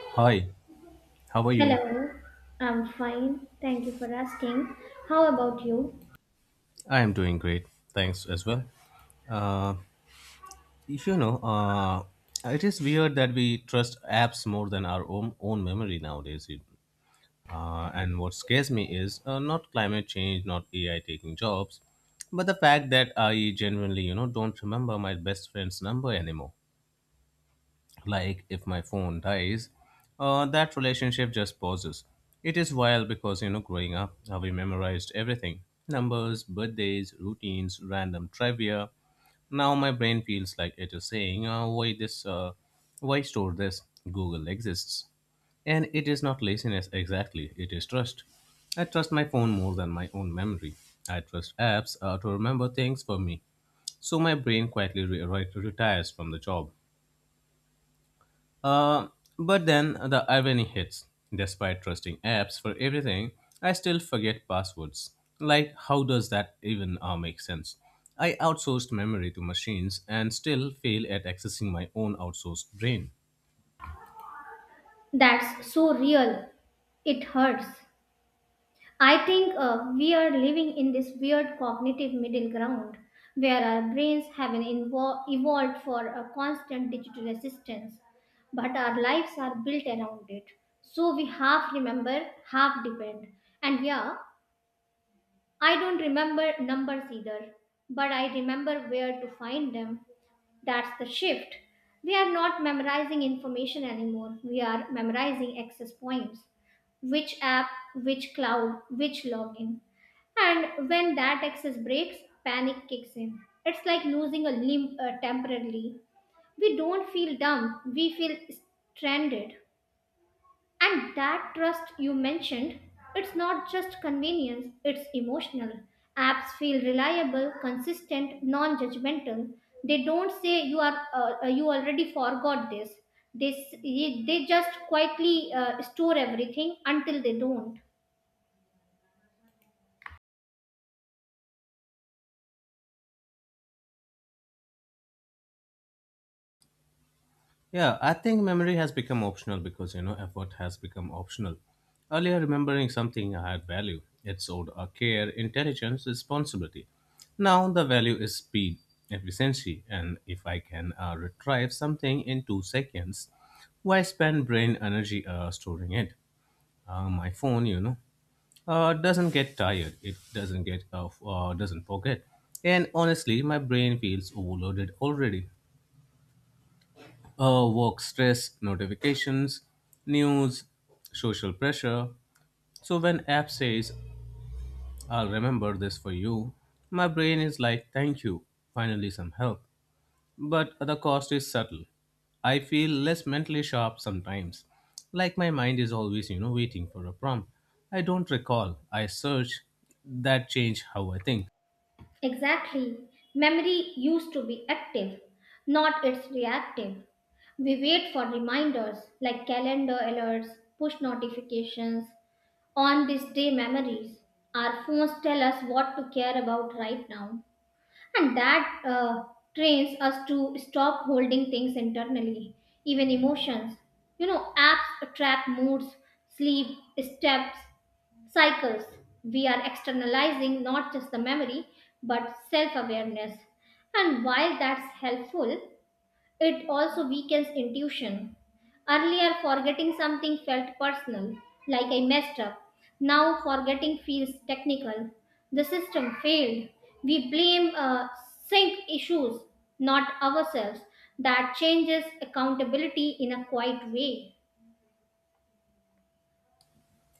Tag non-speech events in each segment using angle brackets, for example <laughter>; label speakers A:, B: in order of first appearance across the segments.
A: Hi, how are you?
B: Hello, I'm fine. Thank you for asking. How about you?
A: I am doing great. Thanks as well. Uh, you know, uh, it is weird that we trust apps more than our own memory nowadays. And what scares me is not climate change, not AI taking jobs, but the fact that I genuinely, don't remember my best friend's number anymore. Like if my phone dies, that relationship just pauses. It is wild because, you know, growing up, we memorized everything: numbers, birthdays, routines, random trivia. Now my brain feels like it is saying, why store this? Google exists. And it is not laziness exactly, it is trust. I trust my phone more than my own memory. I trust apps to remember things for me. So my brain quietly retires from the job. Uh, but then the irony hits. Despite trusting apps for everything, I still forget passwords. Like, how does that even make sense? I outsourced memory to machines and still fail at accessing my own outsourced brain.
B: That's so real. It hurts. I think we are living in this weird cognitive middle ground where our brains have an evolved for a constant digital assistance, but our lives are built around it. So we half remember, half depend. And yeah, I don't remember numbers either, but I remember where to find them. That's the shift. We are not memorizing information anymore. We are memorizing access points. Which app, which cloud, which login. And when that access breaks, panic kicks in. It's like losing a limb temporarily. We don't feel dumb, we feel stranded. And that trust you mentioned, it's not just convenience, it's emotional. Apps feel reliable, consistent, non judgmental. They don't say you are you already forgot this. They just quietly store everything until they don't.
A: Yeah, I think memory has become optional because, you know, effort has become optional. Earlier, remembering something had value. It showed our care, intelligence, responsibility. Now the value is speed, efficiency, and if I can retrieve something in two seconds, why spend brain energy storing it? My phone, doesn't get tired. It doesn't get, doesn't forget. And honestly, my brain feels overloaded already: work stress, notifications, news, social pressure. So when app says, I'll remember this for you, my brain is like, thank you, finally some help. But the cost is subtle. I feel less mentally sharp sometimes. Like my mind is always, waiting for a prompt. I don't recall. I search. That change how I think.
B: Exactly. Memory used to be active, not it's reactive. We wait for reminders like calendar alerts, push notifications, on this day memories. Our phones tell us what to care about right now, and that trains us to stop holding things internally, even emotions. Apps trap moods, sleep, steps, cycles. We are externalizing not just the memory but self awareness. And while that's helpful, it also weakens intuition. Earlier, forgetting something felt personal, like I messed up. Now, forgetting feels technical. The system failed. We blame sync issues, not ourselves. That changes accountability in a quiet way.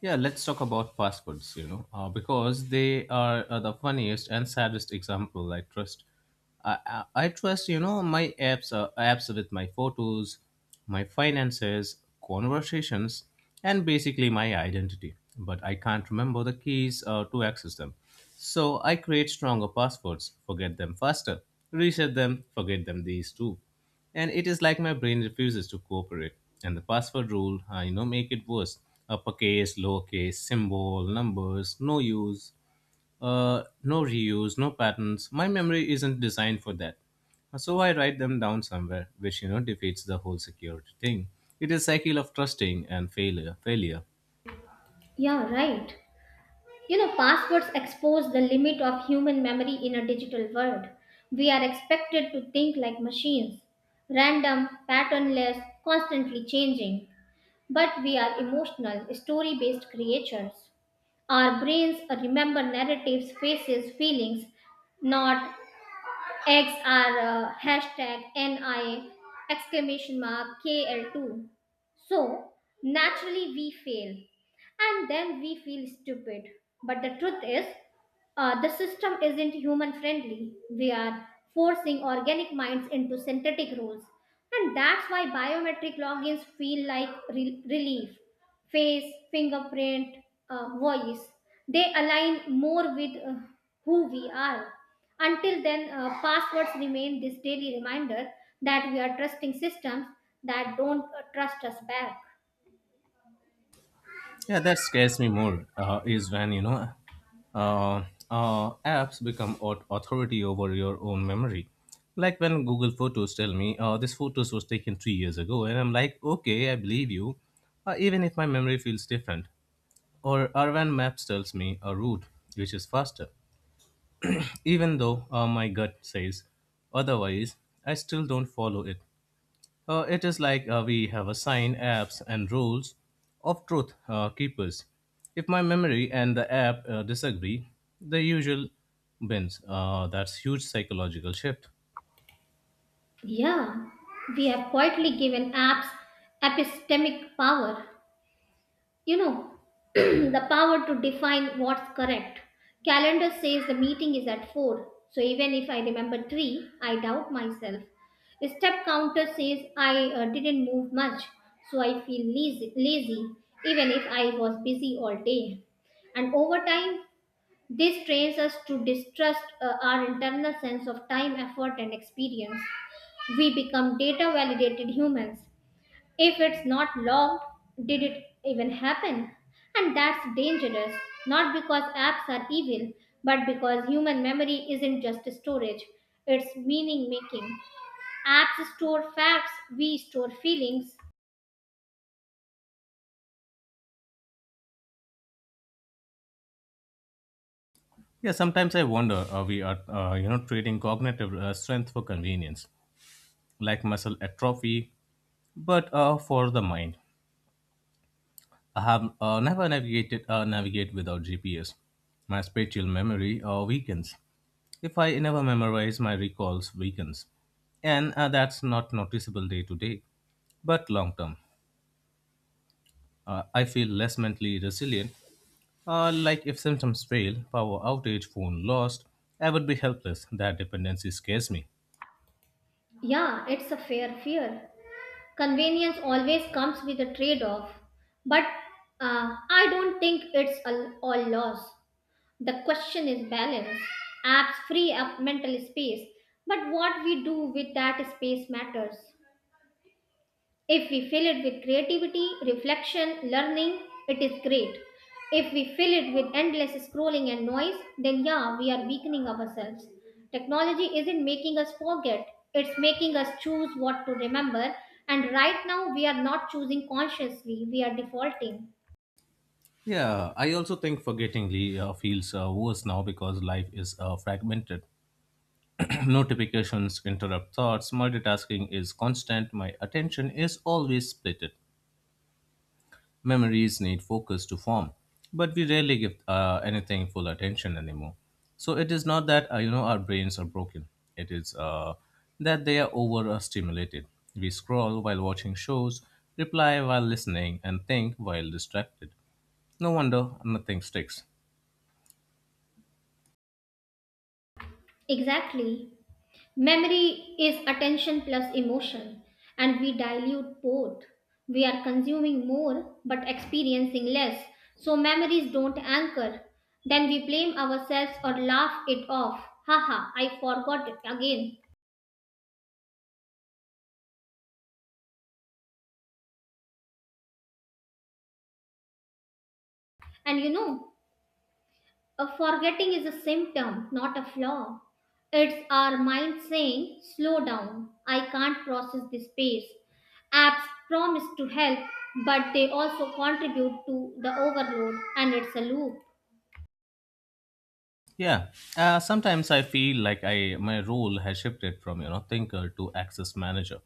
A: Yeah, let's talk about passwords, because they are, the funniest and saddest example. I, I trust, my apps with my photos, my finances, conversations, and basically my identity. But I can't remember the keys to access them. So I create stronger passwords, forget them faster, reset them, forget them these two. And it is like my brain refuses to cooperate, and the password rule, you know, make it worse: uppercase, lowercase, symbol, numbers, no use, no reuse, no patterns. My memory isn't designed for that. So I write them down somewhere, which, you know, defeats the whole security thing. It is cycle of trusting and failure.
B: Yeah, right. Passwords expose the limit of human memory in a digital world. We are expected to think like machines, random, patternless, constantly changing. But we are emotional, story based creatures. Our brains remember narratives, faces, feelings, not Eggs are hashtag NI exclamation mark KL2. So naturally we fail and then we feel stupid. But the truth is, the system isn't human friendly. We are forcing organic minds into synthetic rules. And that's why biometric logins feel like relief, face, fingerprint, voice. They align more with who we are. Until then, passwords remain this daily reminder that we are trusting systems that don't trust us back.
A: Yeah, that scares me more, is when, you know, uh, apps become authority over your own memory. Like when Google Photos tell me, this photos was taken three years ago, and I'm like, okay, I believe you, even if my memory feels different. Or when Maps tells me a route which is faster, even though, my gut says otherwise, I still don't follow it. It is like, we have assigned apps and roles of truth, keepers. If my memory and the app disagree, the usual wins. That's huge psychological shift.
B: Yeah, we have quietly given apps epistemic power. you know <clears throat> the power to define what's correct. Calendar says the meeting is at 4, so even if I remember 3, I doubt myself. Step counter says I didn't move much, so I feel lazy, lazy even if I was busy all day. And over time, this trains us to distrust our internal sense of time, effort, and experience. We become data validated humans. If it's not logged, did it even happen? And that's dangerous, not because apps are evil, but because human memory isn't just storage, it's meaning making. Apps store facts, we store feelings.
A: Yeah, sometimes I wonder, we are, you know, trading cognitive strength for convenience, like muscle atrophy, but for the mind. I have never navigated navigate without GPS. My spatial memory weakens. If I never memorize, my recalls weakens, and, that's not noticeable day to day, but long term, I feel less mentally resilient. Like if symptoms fail, power outage, phone lost, I would be helpless. That dependency scares me.
B: Yeah, it's a fair fear. Convenience always comes with a trade off, but I don't think it's all loss. The question is balance. Apps free up mental space, but what we do with that space matters. If we fill it with creativity, reflection, learning, it is great. If we fill it with endless scrolling and noise, then yeah, we are weakening ourselves. Technology isn't making us forget, it's making us choose what to remember. And right now, we are not choosing consciously, we are defaulting.
A: Yeah, I also think forgettingly feels worse now because life is fragmented. Notifications interrupt thoughts. Multitasking is constant. My attention is always split. Memories need focus to form, but we rarely give anything full attention anymore. So it is not that, you know, our brains are broken. It is that they are overstimulated. We scroll while watching shows, reply while listening, and think while distracted. No wonder nothing sticks.
B: Exactly. Memory is attention plus emotion, and we dilute both. We are consuming more but experiencing less, so memories don't anchor. Then we blame ourselves or laugh it off. Haha, I forgot it again. And a forgetting is a symptom, not a flaw. It's our mind saying, slow down, I can't process this pace. Apps promise to help, but they also contribute to the overload, and it's a loop.
A: Yeah, sometimes I feel like I my role has shifted from, you know, thinker to access manager.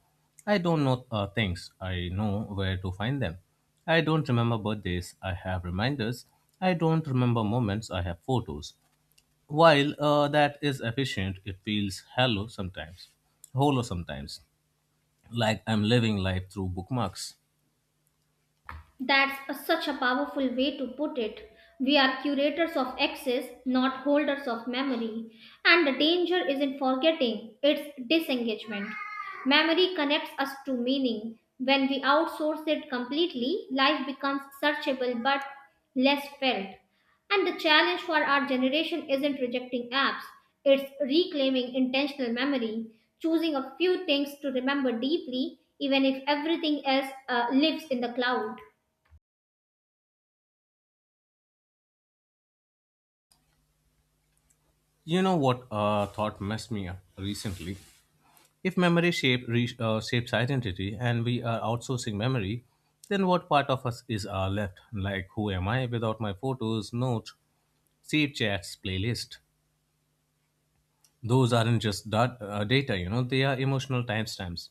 A: I don't know things. I know where to find them. I don't remember birthdays. I have reminders. I don't remember moments. I have photos. While, that is efficient, it feels hollow sometimes. Hollow sometimes, like I'm living life through bookmarks.
B: That's such a powerful way to put it. We are curators of access, not holders of memory. And the danger isn't forgetting, it's disengagement. Memory connects us to meaning. When we outsource it completely, life becomes searchable but less felt. And the challenge for our generation isn't rejecting apps, it's reclaiming intentional memory, choosing a few things to remember deeply, even if everything else lives in the cloud.
A: You know what thought messed me up recently? If memory shapes identity and we are outsourcing memory, then what part of us is left? Like, who am I without my photos, notes, save chats, playlist? Those aren't just data, you know, they are emotional timestamps.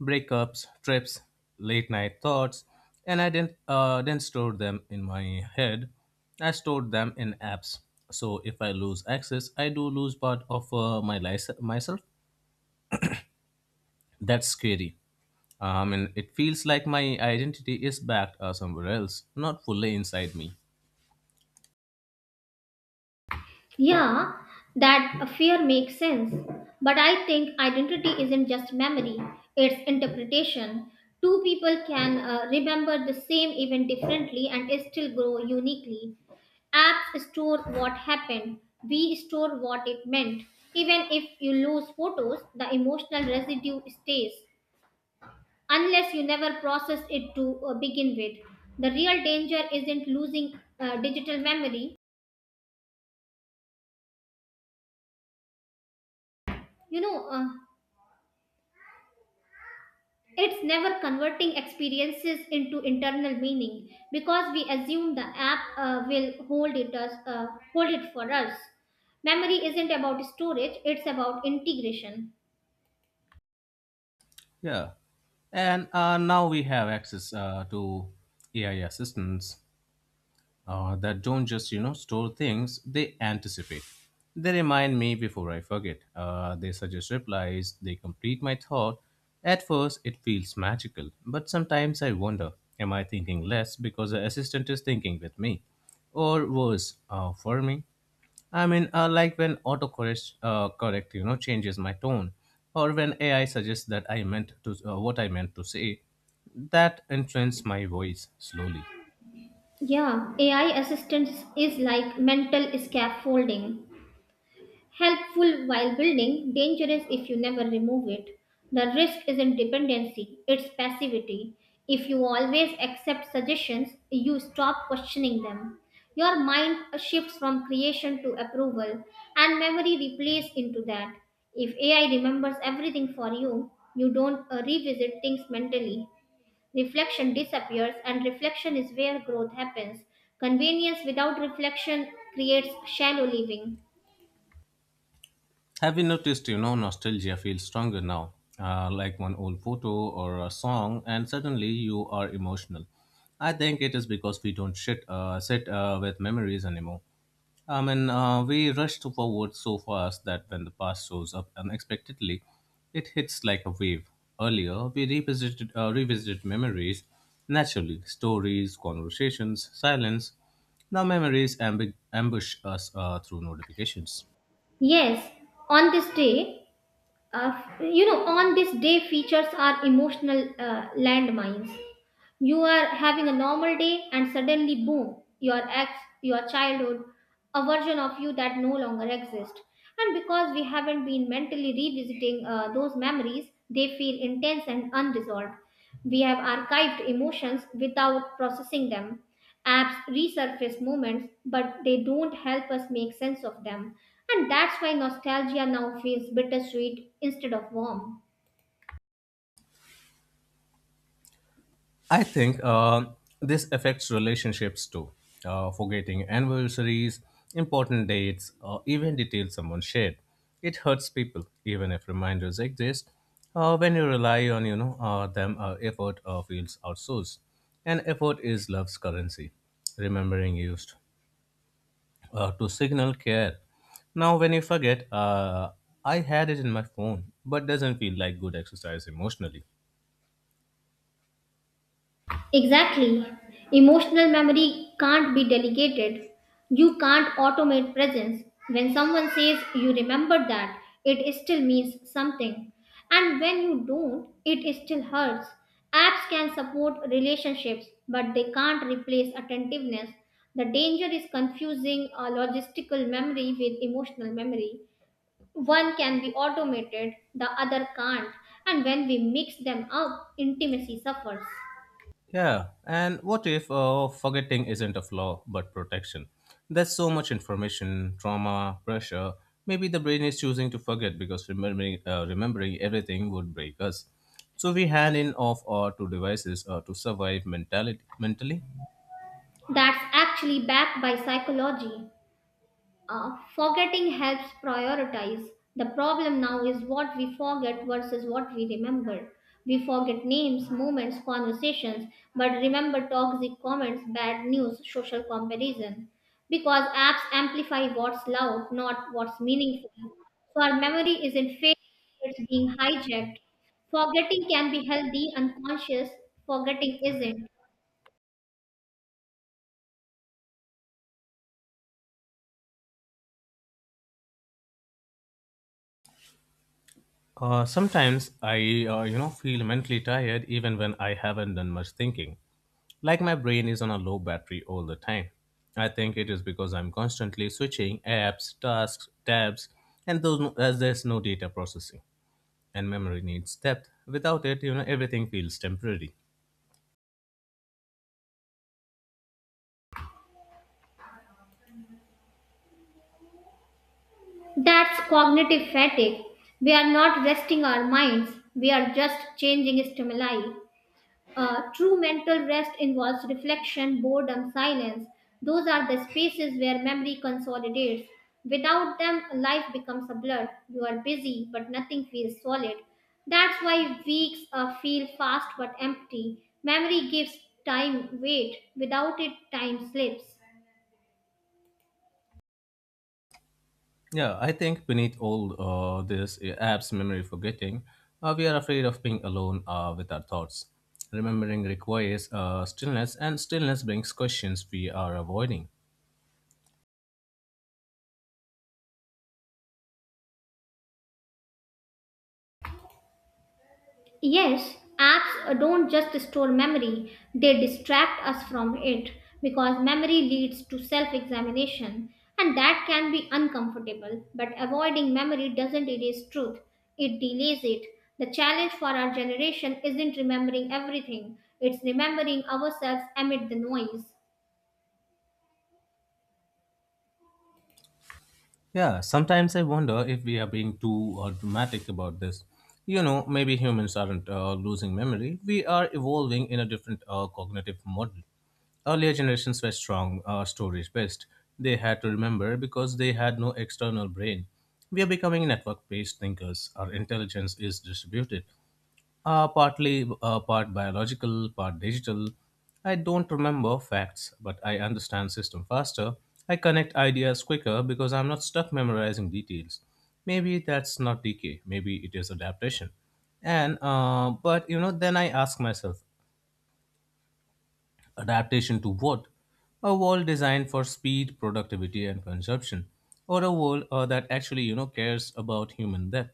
A: Breakups, trips, late night thoughts, and I didn't store them in my head. I stored them in apps. So if I lose access, I do lose part of my life myself. That's scary. I mean, it feels like my identity is back, somewhere else, not fully inside me.
B: Yeah, that fear makes sense. But I think identity isn't just memory, it's interpretation. Two people can remember the same event differently and still grow uniquely. Apps store what happened, we store what it meant. Even if you lose photos, the emotional residue stays, unless you never process it to begin with. The real danger isn't losing digital memory. You know, uh, It's never converting experiences into internal meaning because we assume the app will hold it for us. Memory isn't about storage; it's about integration.
A: Yeah. And now we have access to AI assistants that don't just, you know, store things, they anticipate. They remind me before I forget. They suggest replies, they complete my thought. At first, it feels magical, but sometimes I wonder, am I thinking less because the assistant is thinking with me? Or worse, for me? I mean, like when autocorrect, you know, changes my tone, or when AI suggests that I meant to what I meant to say, that influences my voice slowly.
B: Yeah, AI assistance is like mental scaffolding. Helpful while building, dangerous if you never remove it. The risk isn't dependency, it's passivity. If you always accept suggestions, you stop questioning them. Your mind shifts from creation to approval, and memory replays into that. If AI remembers everything for you, you don't revisit things mentally. Reflection disappears, and reflection is where growth happens. Convenience without reflection creates shallow living.
A: Have you noticed, you know, nostalgia feels stronger now, like one old photo or a song, and suddenly you are emotional. I think it is because we don't sit with memories anymore. I mean, we rush forward so fast that when the past shows up unexpectedly, it hits like a wave. Earlier, we revisited memories naturally, stories, conversations, silence. Now, memories ambush us through notifications.
B: Yes, on this day, on this day, features are emotional landmines. You are having a normal day and suddenly boom, your ex, your childhood, a version of you that no longer exists. And because we haven't been mentally revisiting those memories, they feel intense and unresolved. We have archived emotions without processing them. Apps resurface moments but they don't help us make sense of them. And that's why nostalgia now feels bittersweet instead of warm.
A: I think, this affects relationships too. Forgetting anniversaries, important dates, or even details someone shared. It hurts people, even if reminders exist. When you rely on, you know, them, effort feels outsourced, and effort is love's currency. Remembering used to signal care. Now, when you forget, I had it in my phone, but doesn't feel like good exercise emotionally.
B: Exactly. Emotional memory can't be delegated. You can't automate presence. When someone says you remember that, it still means something. And when you don't, it still hurts. Apps can support relationships, but they can't replace attentiveness. The danger is confusing a logistical memory with emotional memory. One can be automated, the other can't. And when we mix them up, intimacy suffers.
A: Yeah, and what if, forgetting isn't a flaw but protection? There's so much information, trauma, pressure. Maybe the brain is choosing to forget because remembering everything would break us. So we hand in off our two devices to survive mentality mentally.
B: That's actually backed by psychology. Forgetting helps prioritize. The problem now is what we forget versus what we remember. We forget names, moments, conversations, but remember toxic comments, bad news, social comparison. Because apps amplify what's loud, not what's meaningful. So our memory isn't fake, it's being hijacked. Forgetting can be healthy; unconscious forgetting isn't.
A: Sometimes I, you know, feel mentally tired even when I haven't done much thinking. Like my brain is on a low battery all the time. I think it is because I'm constantly switching apps, tasks, tabs, and those, as there's no data processing. And memory needs depth. Without it, you know, everything feels temporary.
B: That's cognitive fatigue. We are not resting our minds, we are just changing stimuli. True mental rest involves reflection, boredom, silence. Those are the spaces where memory consolidates. Without them, life becomes a blur. You are busy, but nothing feels solid. That's why weeks feel fast but empty. Memory gives time weight. Without it, time slips.
A: Yeah, I think beneath all, this, apps, memory forgetting, we are afraid of being alone with our thoughts. Remembering requires stillness, and stillness brings questions we are avoiding.
B: Yes, apps don't just store memory, they distract us from it, because memory leads to self examination and that can be uncomfortable. But avoiding memory doesn't erase truth, it delays it. The challenge for our generation isn't remembering everything, it's remembering ourselves amid the noise.
A: Yeah, sometimes I wonder if we are being too dramatic about this. You know, maybe humans aren't losing memory. We are evolving in a different cognitive model. Earlier generations were strong, storage based. They had to remember because they had no external brain. We are becoming network based thinkers. Our intelligence is distributed. Part biological, part digital. I don't remember facts, but I understand system faster. I connect ideas quicker because I'm not stuck memorizing details. Maybe that's not decay. Maybe it is adaptation. And uh, but, you know, then I ask myself, adaptation to what? A world designed for speed, productivity, and consumption, or a world that actually, you know, cares about human death.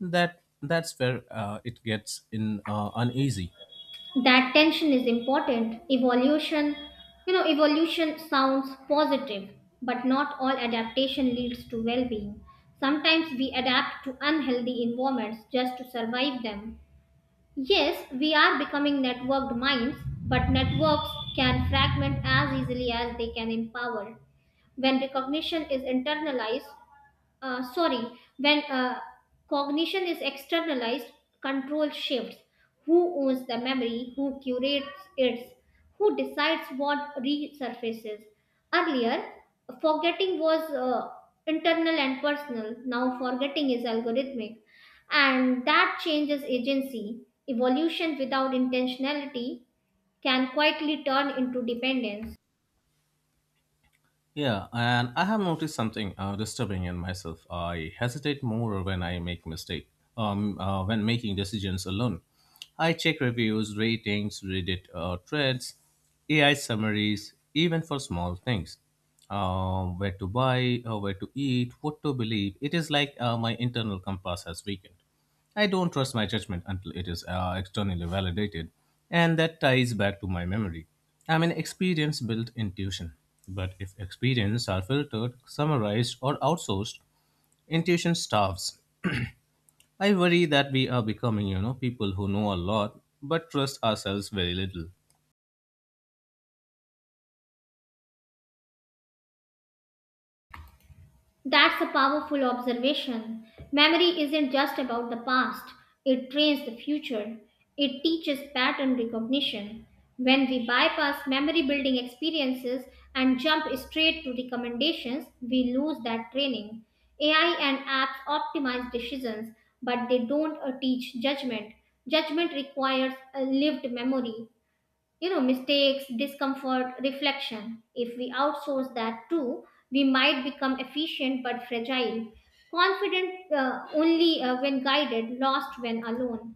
A: That that's where it gets in uneasy.
B: That tension is important. Evolution, evolution sounds positive, but not all adaptation leads to well-being. Sometimes we adapt to unhealthy environments just to survive them. Yes, we are becoming networked minds, but networks can fragment as easily as they can empower. When recognition is internalized uh, sorry, when uh, cognition is externalized, control shifts. Who owns the memory? Who curates it? Who decides what resurfaces? Earlier, forgetting was internal and personal. Now, forgetting is algorithmic. And that changes agency. Evolution without intentionality can quietly turn into dependence.
A: Yeah, and I have noticed something disturbing in myself. I hesitate more when I make mistake. When making decisions alone, I check reviews, ratings, Reddit, threads, AI summaries, even for small things. Where to buy, where to eat, what to believe. It is like, my internal compass has weakened. I don't trust my judgment until it is externally validated, and that ties back to my memory. I mean, experience built intuition. But if experience are filtered, summarized, or outsourced, intuition starves. I worry that we are becoming, you know, people who know a lot but trust ourselves very little.
B: That's a powerful observation. Memory isn't just about the past, it trains the future. It teaches pattern recognition. When we bypass memory building experiences and jump straight to recommendations, we lose that training. AI and apps optimize decisions, but they don't teach judgment. Judgment requires a lived memory, mistakes, discomfort, reflection. If we outsource that too, we might become efficient but fragile, confident only when guided, lost when alone.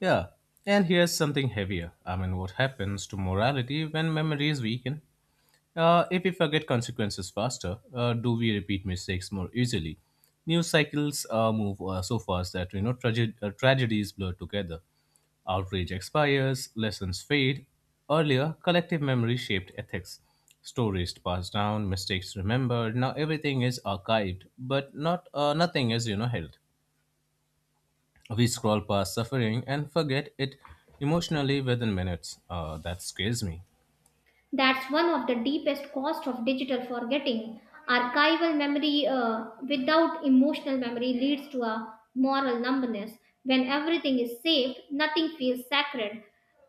A: Yeah, and here's something heavier. I mean, what happens to morality when memory is weakened? If we forget consequences faster, do we repeat mistakes more easily? News cycles move so fast that, you know, tragedies blur together. Outrage expires, lessons fade. Earlier, collective memory shaped ethics. Stories passed down, mistakes remembered. Now everything is archived, but nothing is held. We scroll past suffering and forget it emotionally within minutes. That scares me.
B: That's one of the deepest cost of digital forgetting. Archival memory without emotional memory leads to a moral numbness. When everything is saved, nothing feels sacred.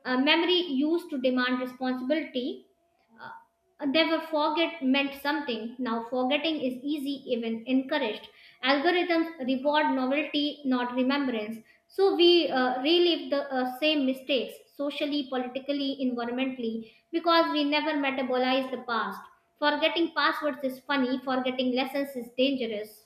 B: Memory used to demand responsibility. Never forget meant something. Now forgetting is easy, even encouraged. Algorithms reward novelty, not remembrance. So we relive the same mistakes socially, politically, environmentally, because we never metabolize the past. Forgetting passwords is funny, forgetting lessons is dangerous.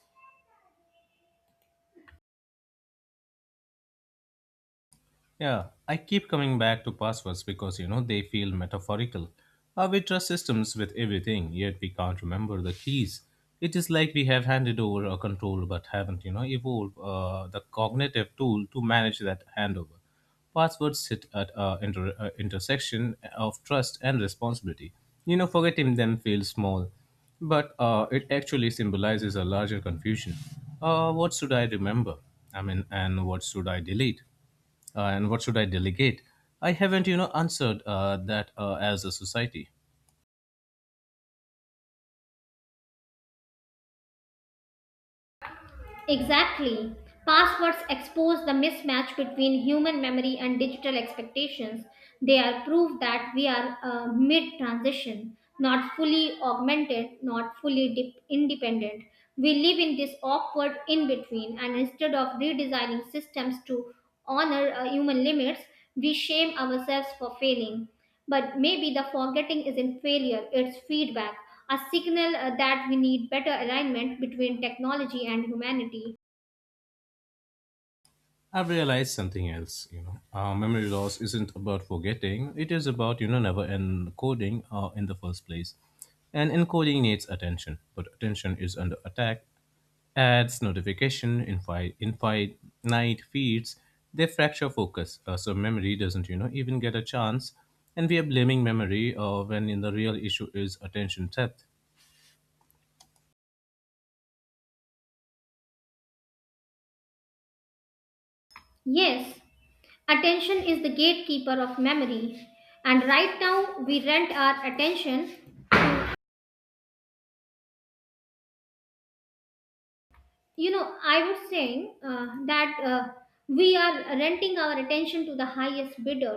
A: Yeah, I keep coming back to passwords because they feel metaphorical. We trust systems with everything, yet we can't remember the keys. It is like we have handed over a control but haven't evolved the cognitive tool to manage that handover. Passwords sit at an intersection of trust and responsibility. You know, forgetting them feels small, but it actually symbolizes a larger confusion. What should I remember? I mean, and what should I delete? And what should I delegate? I haven't, you know, answered that as a society.
B: Exactly. Passwords expose the mismatch between human memory and digital expectations. They are proof that we are mid transition, not fully augmented, not fully independent. We live in this awkward in between, and instead of redesigning systems to honor human limits, we shame ourselves for failing. But maybe the forgetting isn't failure, it's feedback, a signal that we need better alignment between technology and humanity.
A: I've realized something else, you know. Memory loss isn't about forgetting; it is about, you know, never encoding in the first place. And encoding needs attention, but attention is under attack. Ads, notification, infinite feeds, they fracture focus, so memory doesn't, you know, even get a chance. And we are blaming memory when in the real issue is attention depth.
B: Yes, attention is the gatekeeper of memory, and right now we rent our attention. I was saying that we are renting our attention to the highest bidder.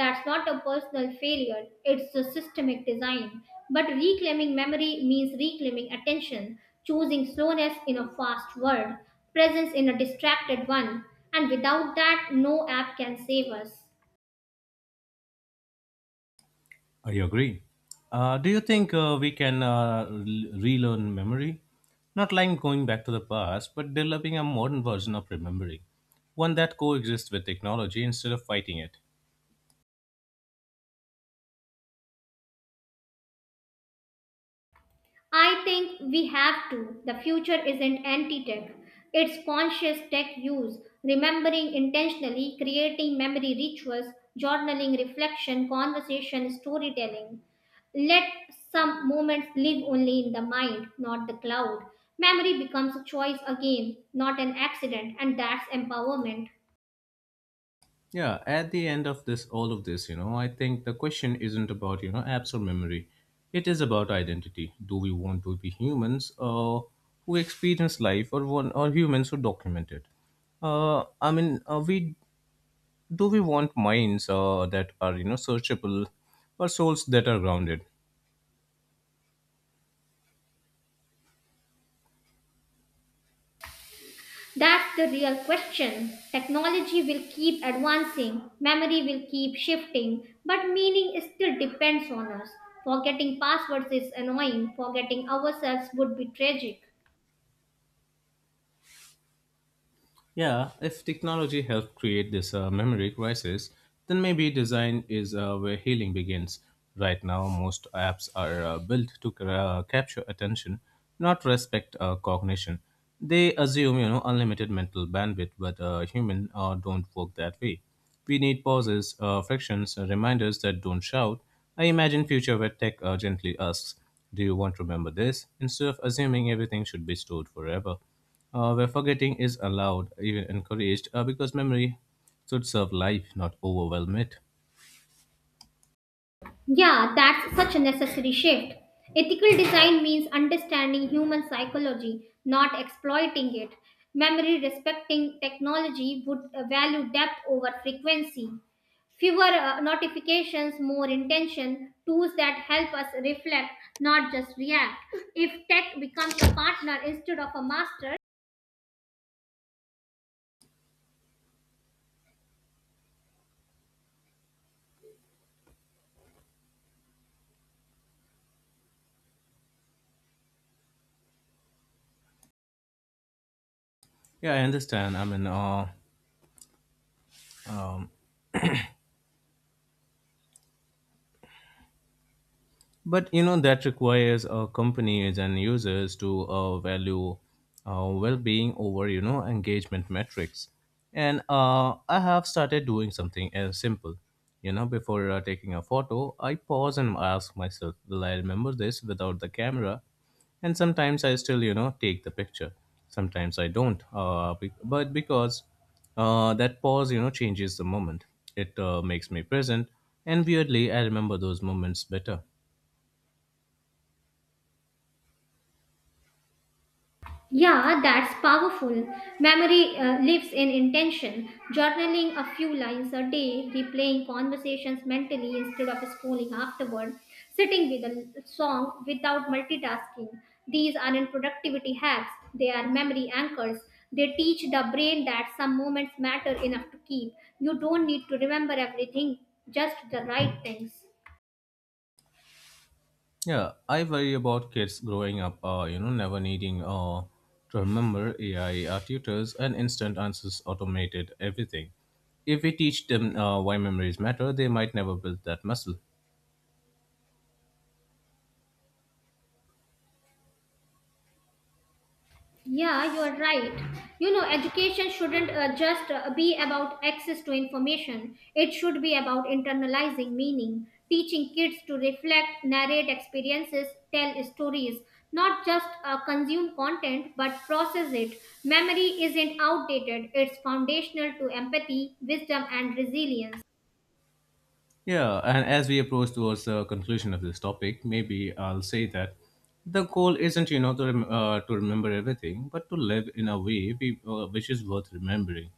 B: That's not a personal failure, it's a systemic design. But reclaiming memory means reclaiming attention, choosing slowness in a fast world, presence in a distracted one. And without that, no app can save us.
A: I agree. Do you think we can relearn memory? Not like going back to the past, but developing a modern version of remembering, one that coexists with technology instead of fighting it.
B: I think we have to. The future isn't anti tech, it's conscious tech use, remembering intentionally, creating memory rituals, journaling, reflection, conversation, storytelling. Let some moments live only in the mind, not the cloud. Memory becomes a choice again, not an accident, and that's empowerment.
A: Yeah, at the end of this, all of this, you know, I think the question isn't about apps or memory. It is about identity. Do we want to be humans who experience life, or one, or humans who document it? I mean, we do we want minds that are searchable or souls that are grounded.
B: That's the real question. Technology will keep advancing, memory will keep shifting, but meaning still depends on us. Forgetting passwords is annoying, forgetting ourselves would be tragic.
A: Yeah, if technology helped create this memory crisis, then maybe design is where healing begins. Right now, most apps are built to capture attention, not respect cognition. They assume, you know, unlimited mental bandwidth, but human don't work that way. We need pauses, frictions, reminders that don't shout. I imagine future where tech gently asks, "Do you want to remember this?" instead of assuming everything should be stored forever, where forgetting is allowed, even encouraged, because memory should serve life, not overwhelm it.
B: Yeah, that's such a necessary shift. Ethical design means understanding human psychology, not exploiting it. Memory respecting technology would value depth over frequency. Fewer notifications, more intention, tools that help us reflect, not just react. If tech becomes a partner instead of a master.
A: Yeah, I understand. I mean, uh, um, But that requires companies and users to value well-being over engagement metrics. And I have started doing something as simple. You know, before taking a photo, I pause and ask myself, "Will I remember this without the camera?" And sometimes I still take the picture. Sometimes I don't. But because that pause changes the moment, it makes me present. And weirdly, I remember those moments better.
B: Yeah, that's powerful. Memory lives in intention. Journaling a few lines a day, replaying conversations mentally instead of scrolling afterward, sitting with a song without multitasking. These aren't productivity hacks, they are memory anchors. They teach the brain that some moments matter enough to keep. You don't need to remember everything, just the right things.
A: Yeah, I worry about kids growing up, you know, never needing to remember. AI tutors and instant answers automated everything. If we teach them why memories matter, they might never build that muscle.
B: Yeah, you are right. Education shouldn't just be about access to information. It should be about internalizing meaning, teaching kids to reflect, narrate experiences, tell stories, not just consume content but process it. Memory isn't outdated, it's foundational to empathy, wisdom, and resilience.
A: Yeah, and as we approach towards the conclusion of this topic, maybe I'll say that the goal isn't, you know, to, to remember everything, but to live in a way which is worth remembering.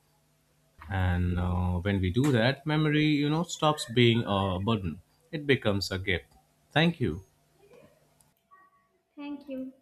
A: And when we do that, memory stops being a burden, it becomes a gift. Thank you.
B: Thank you.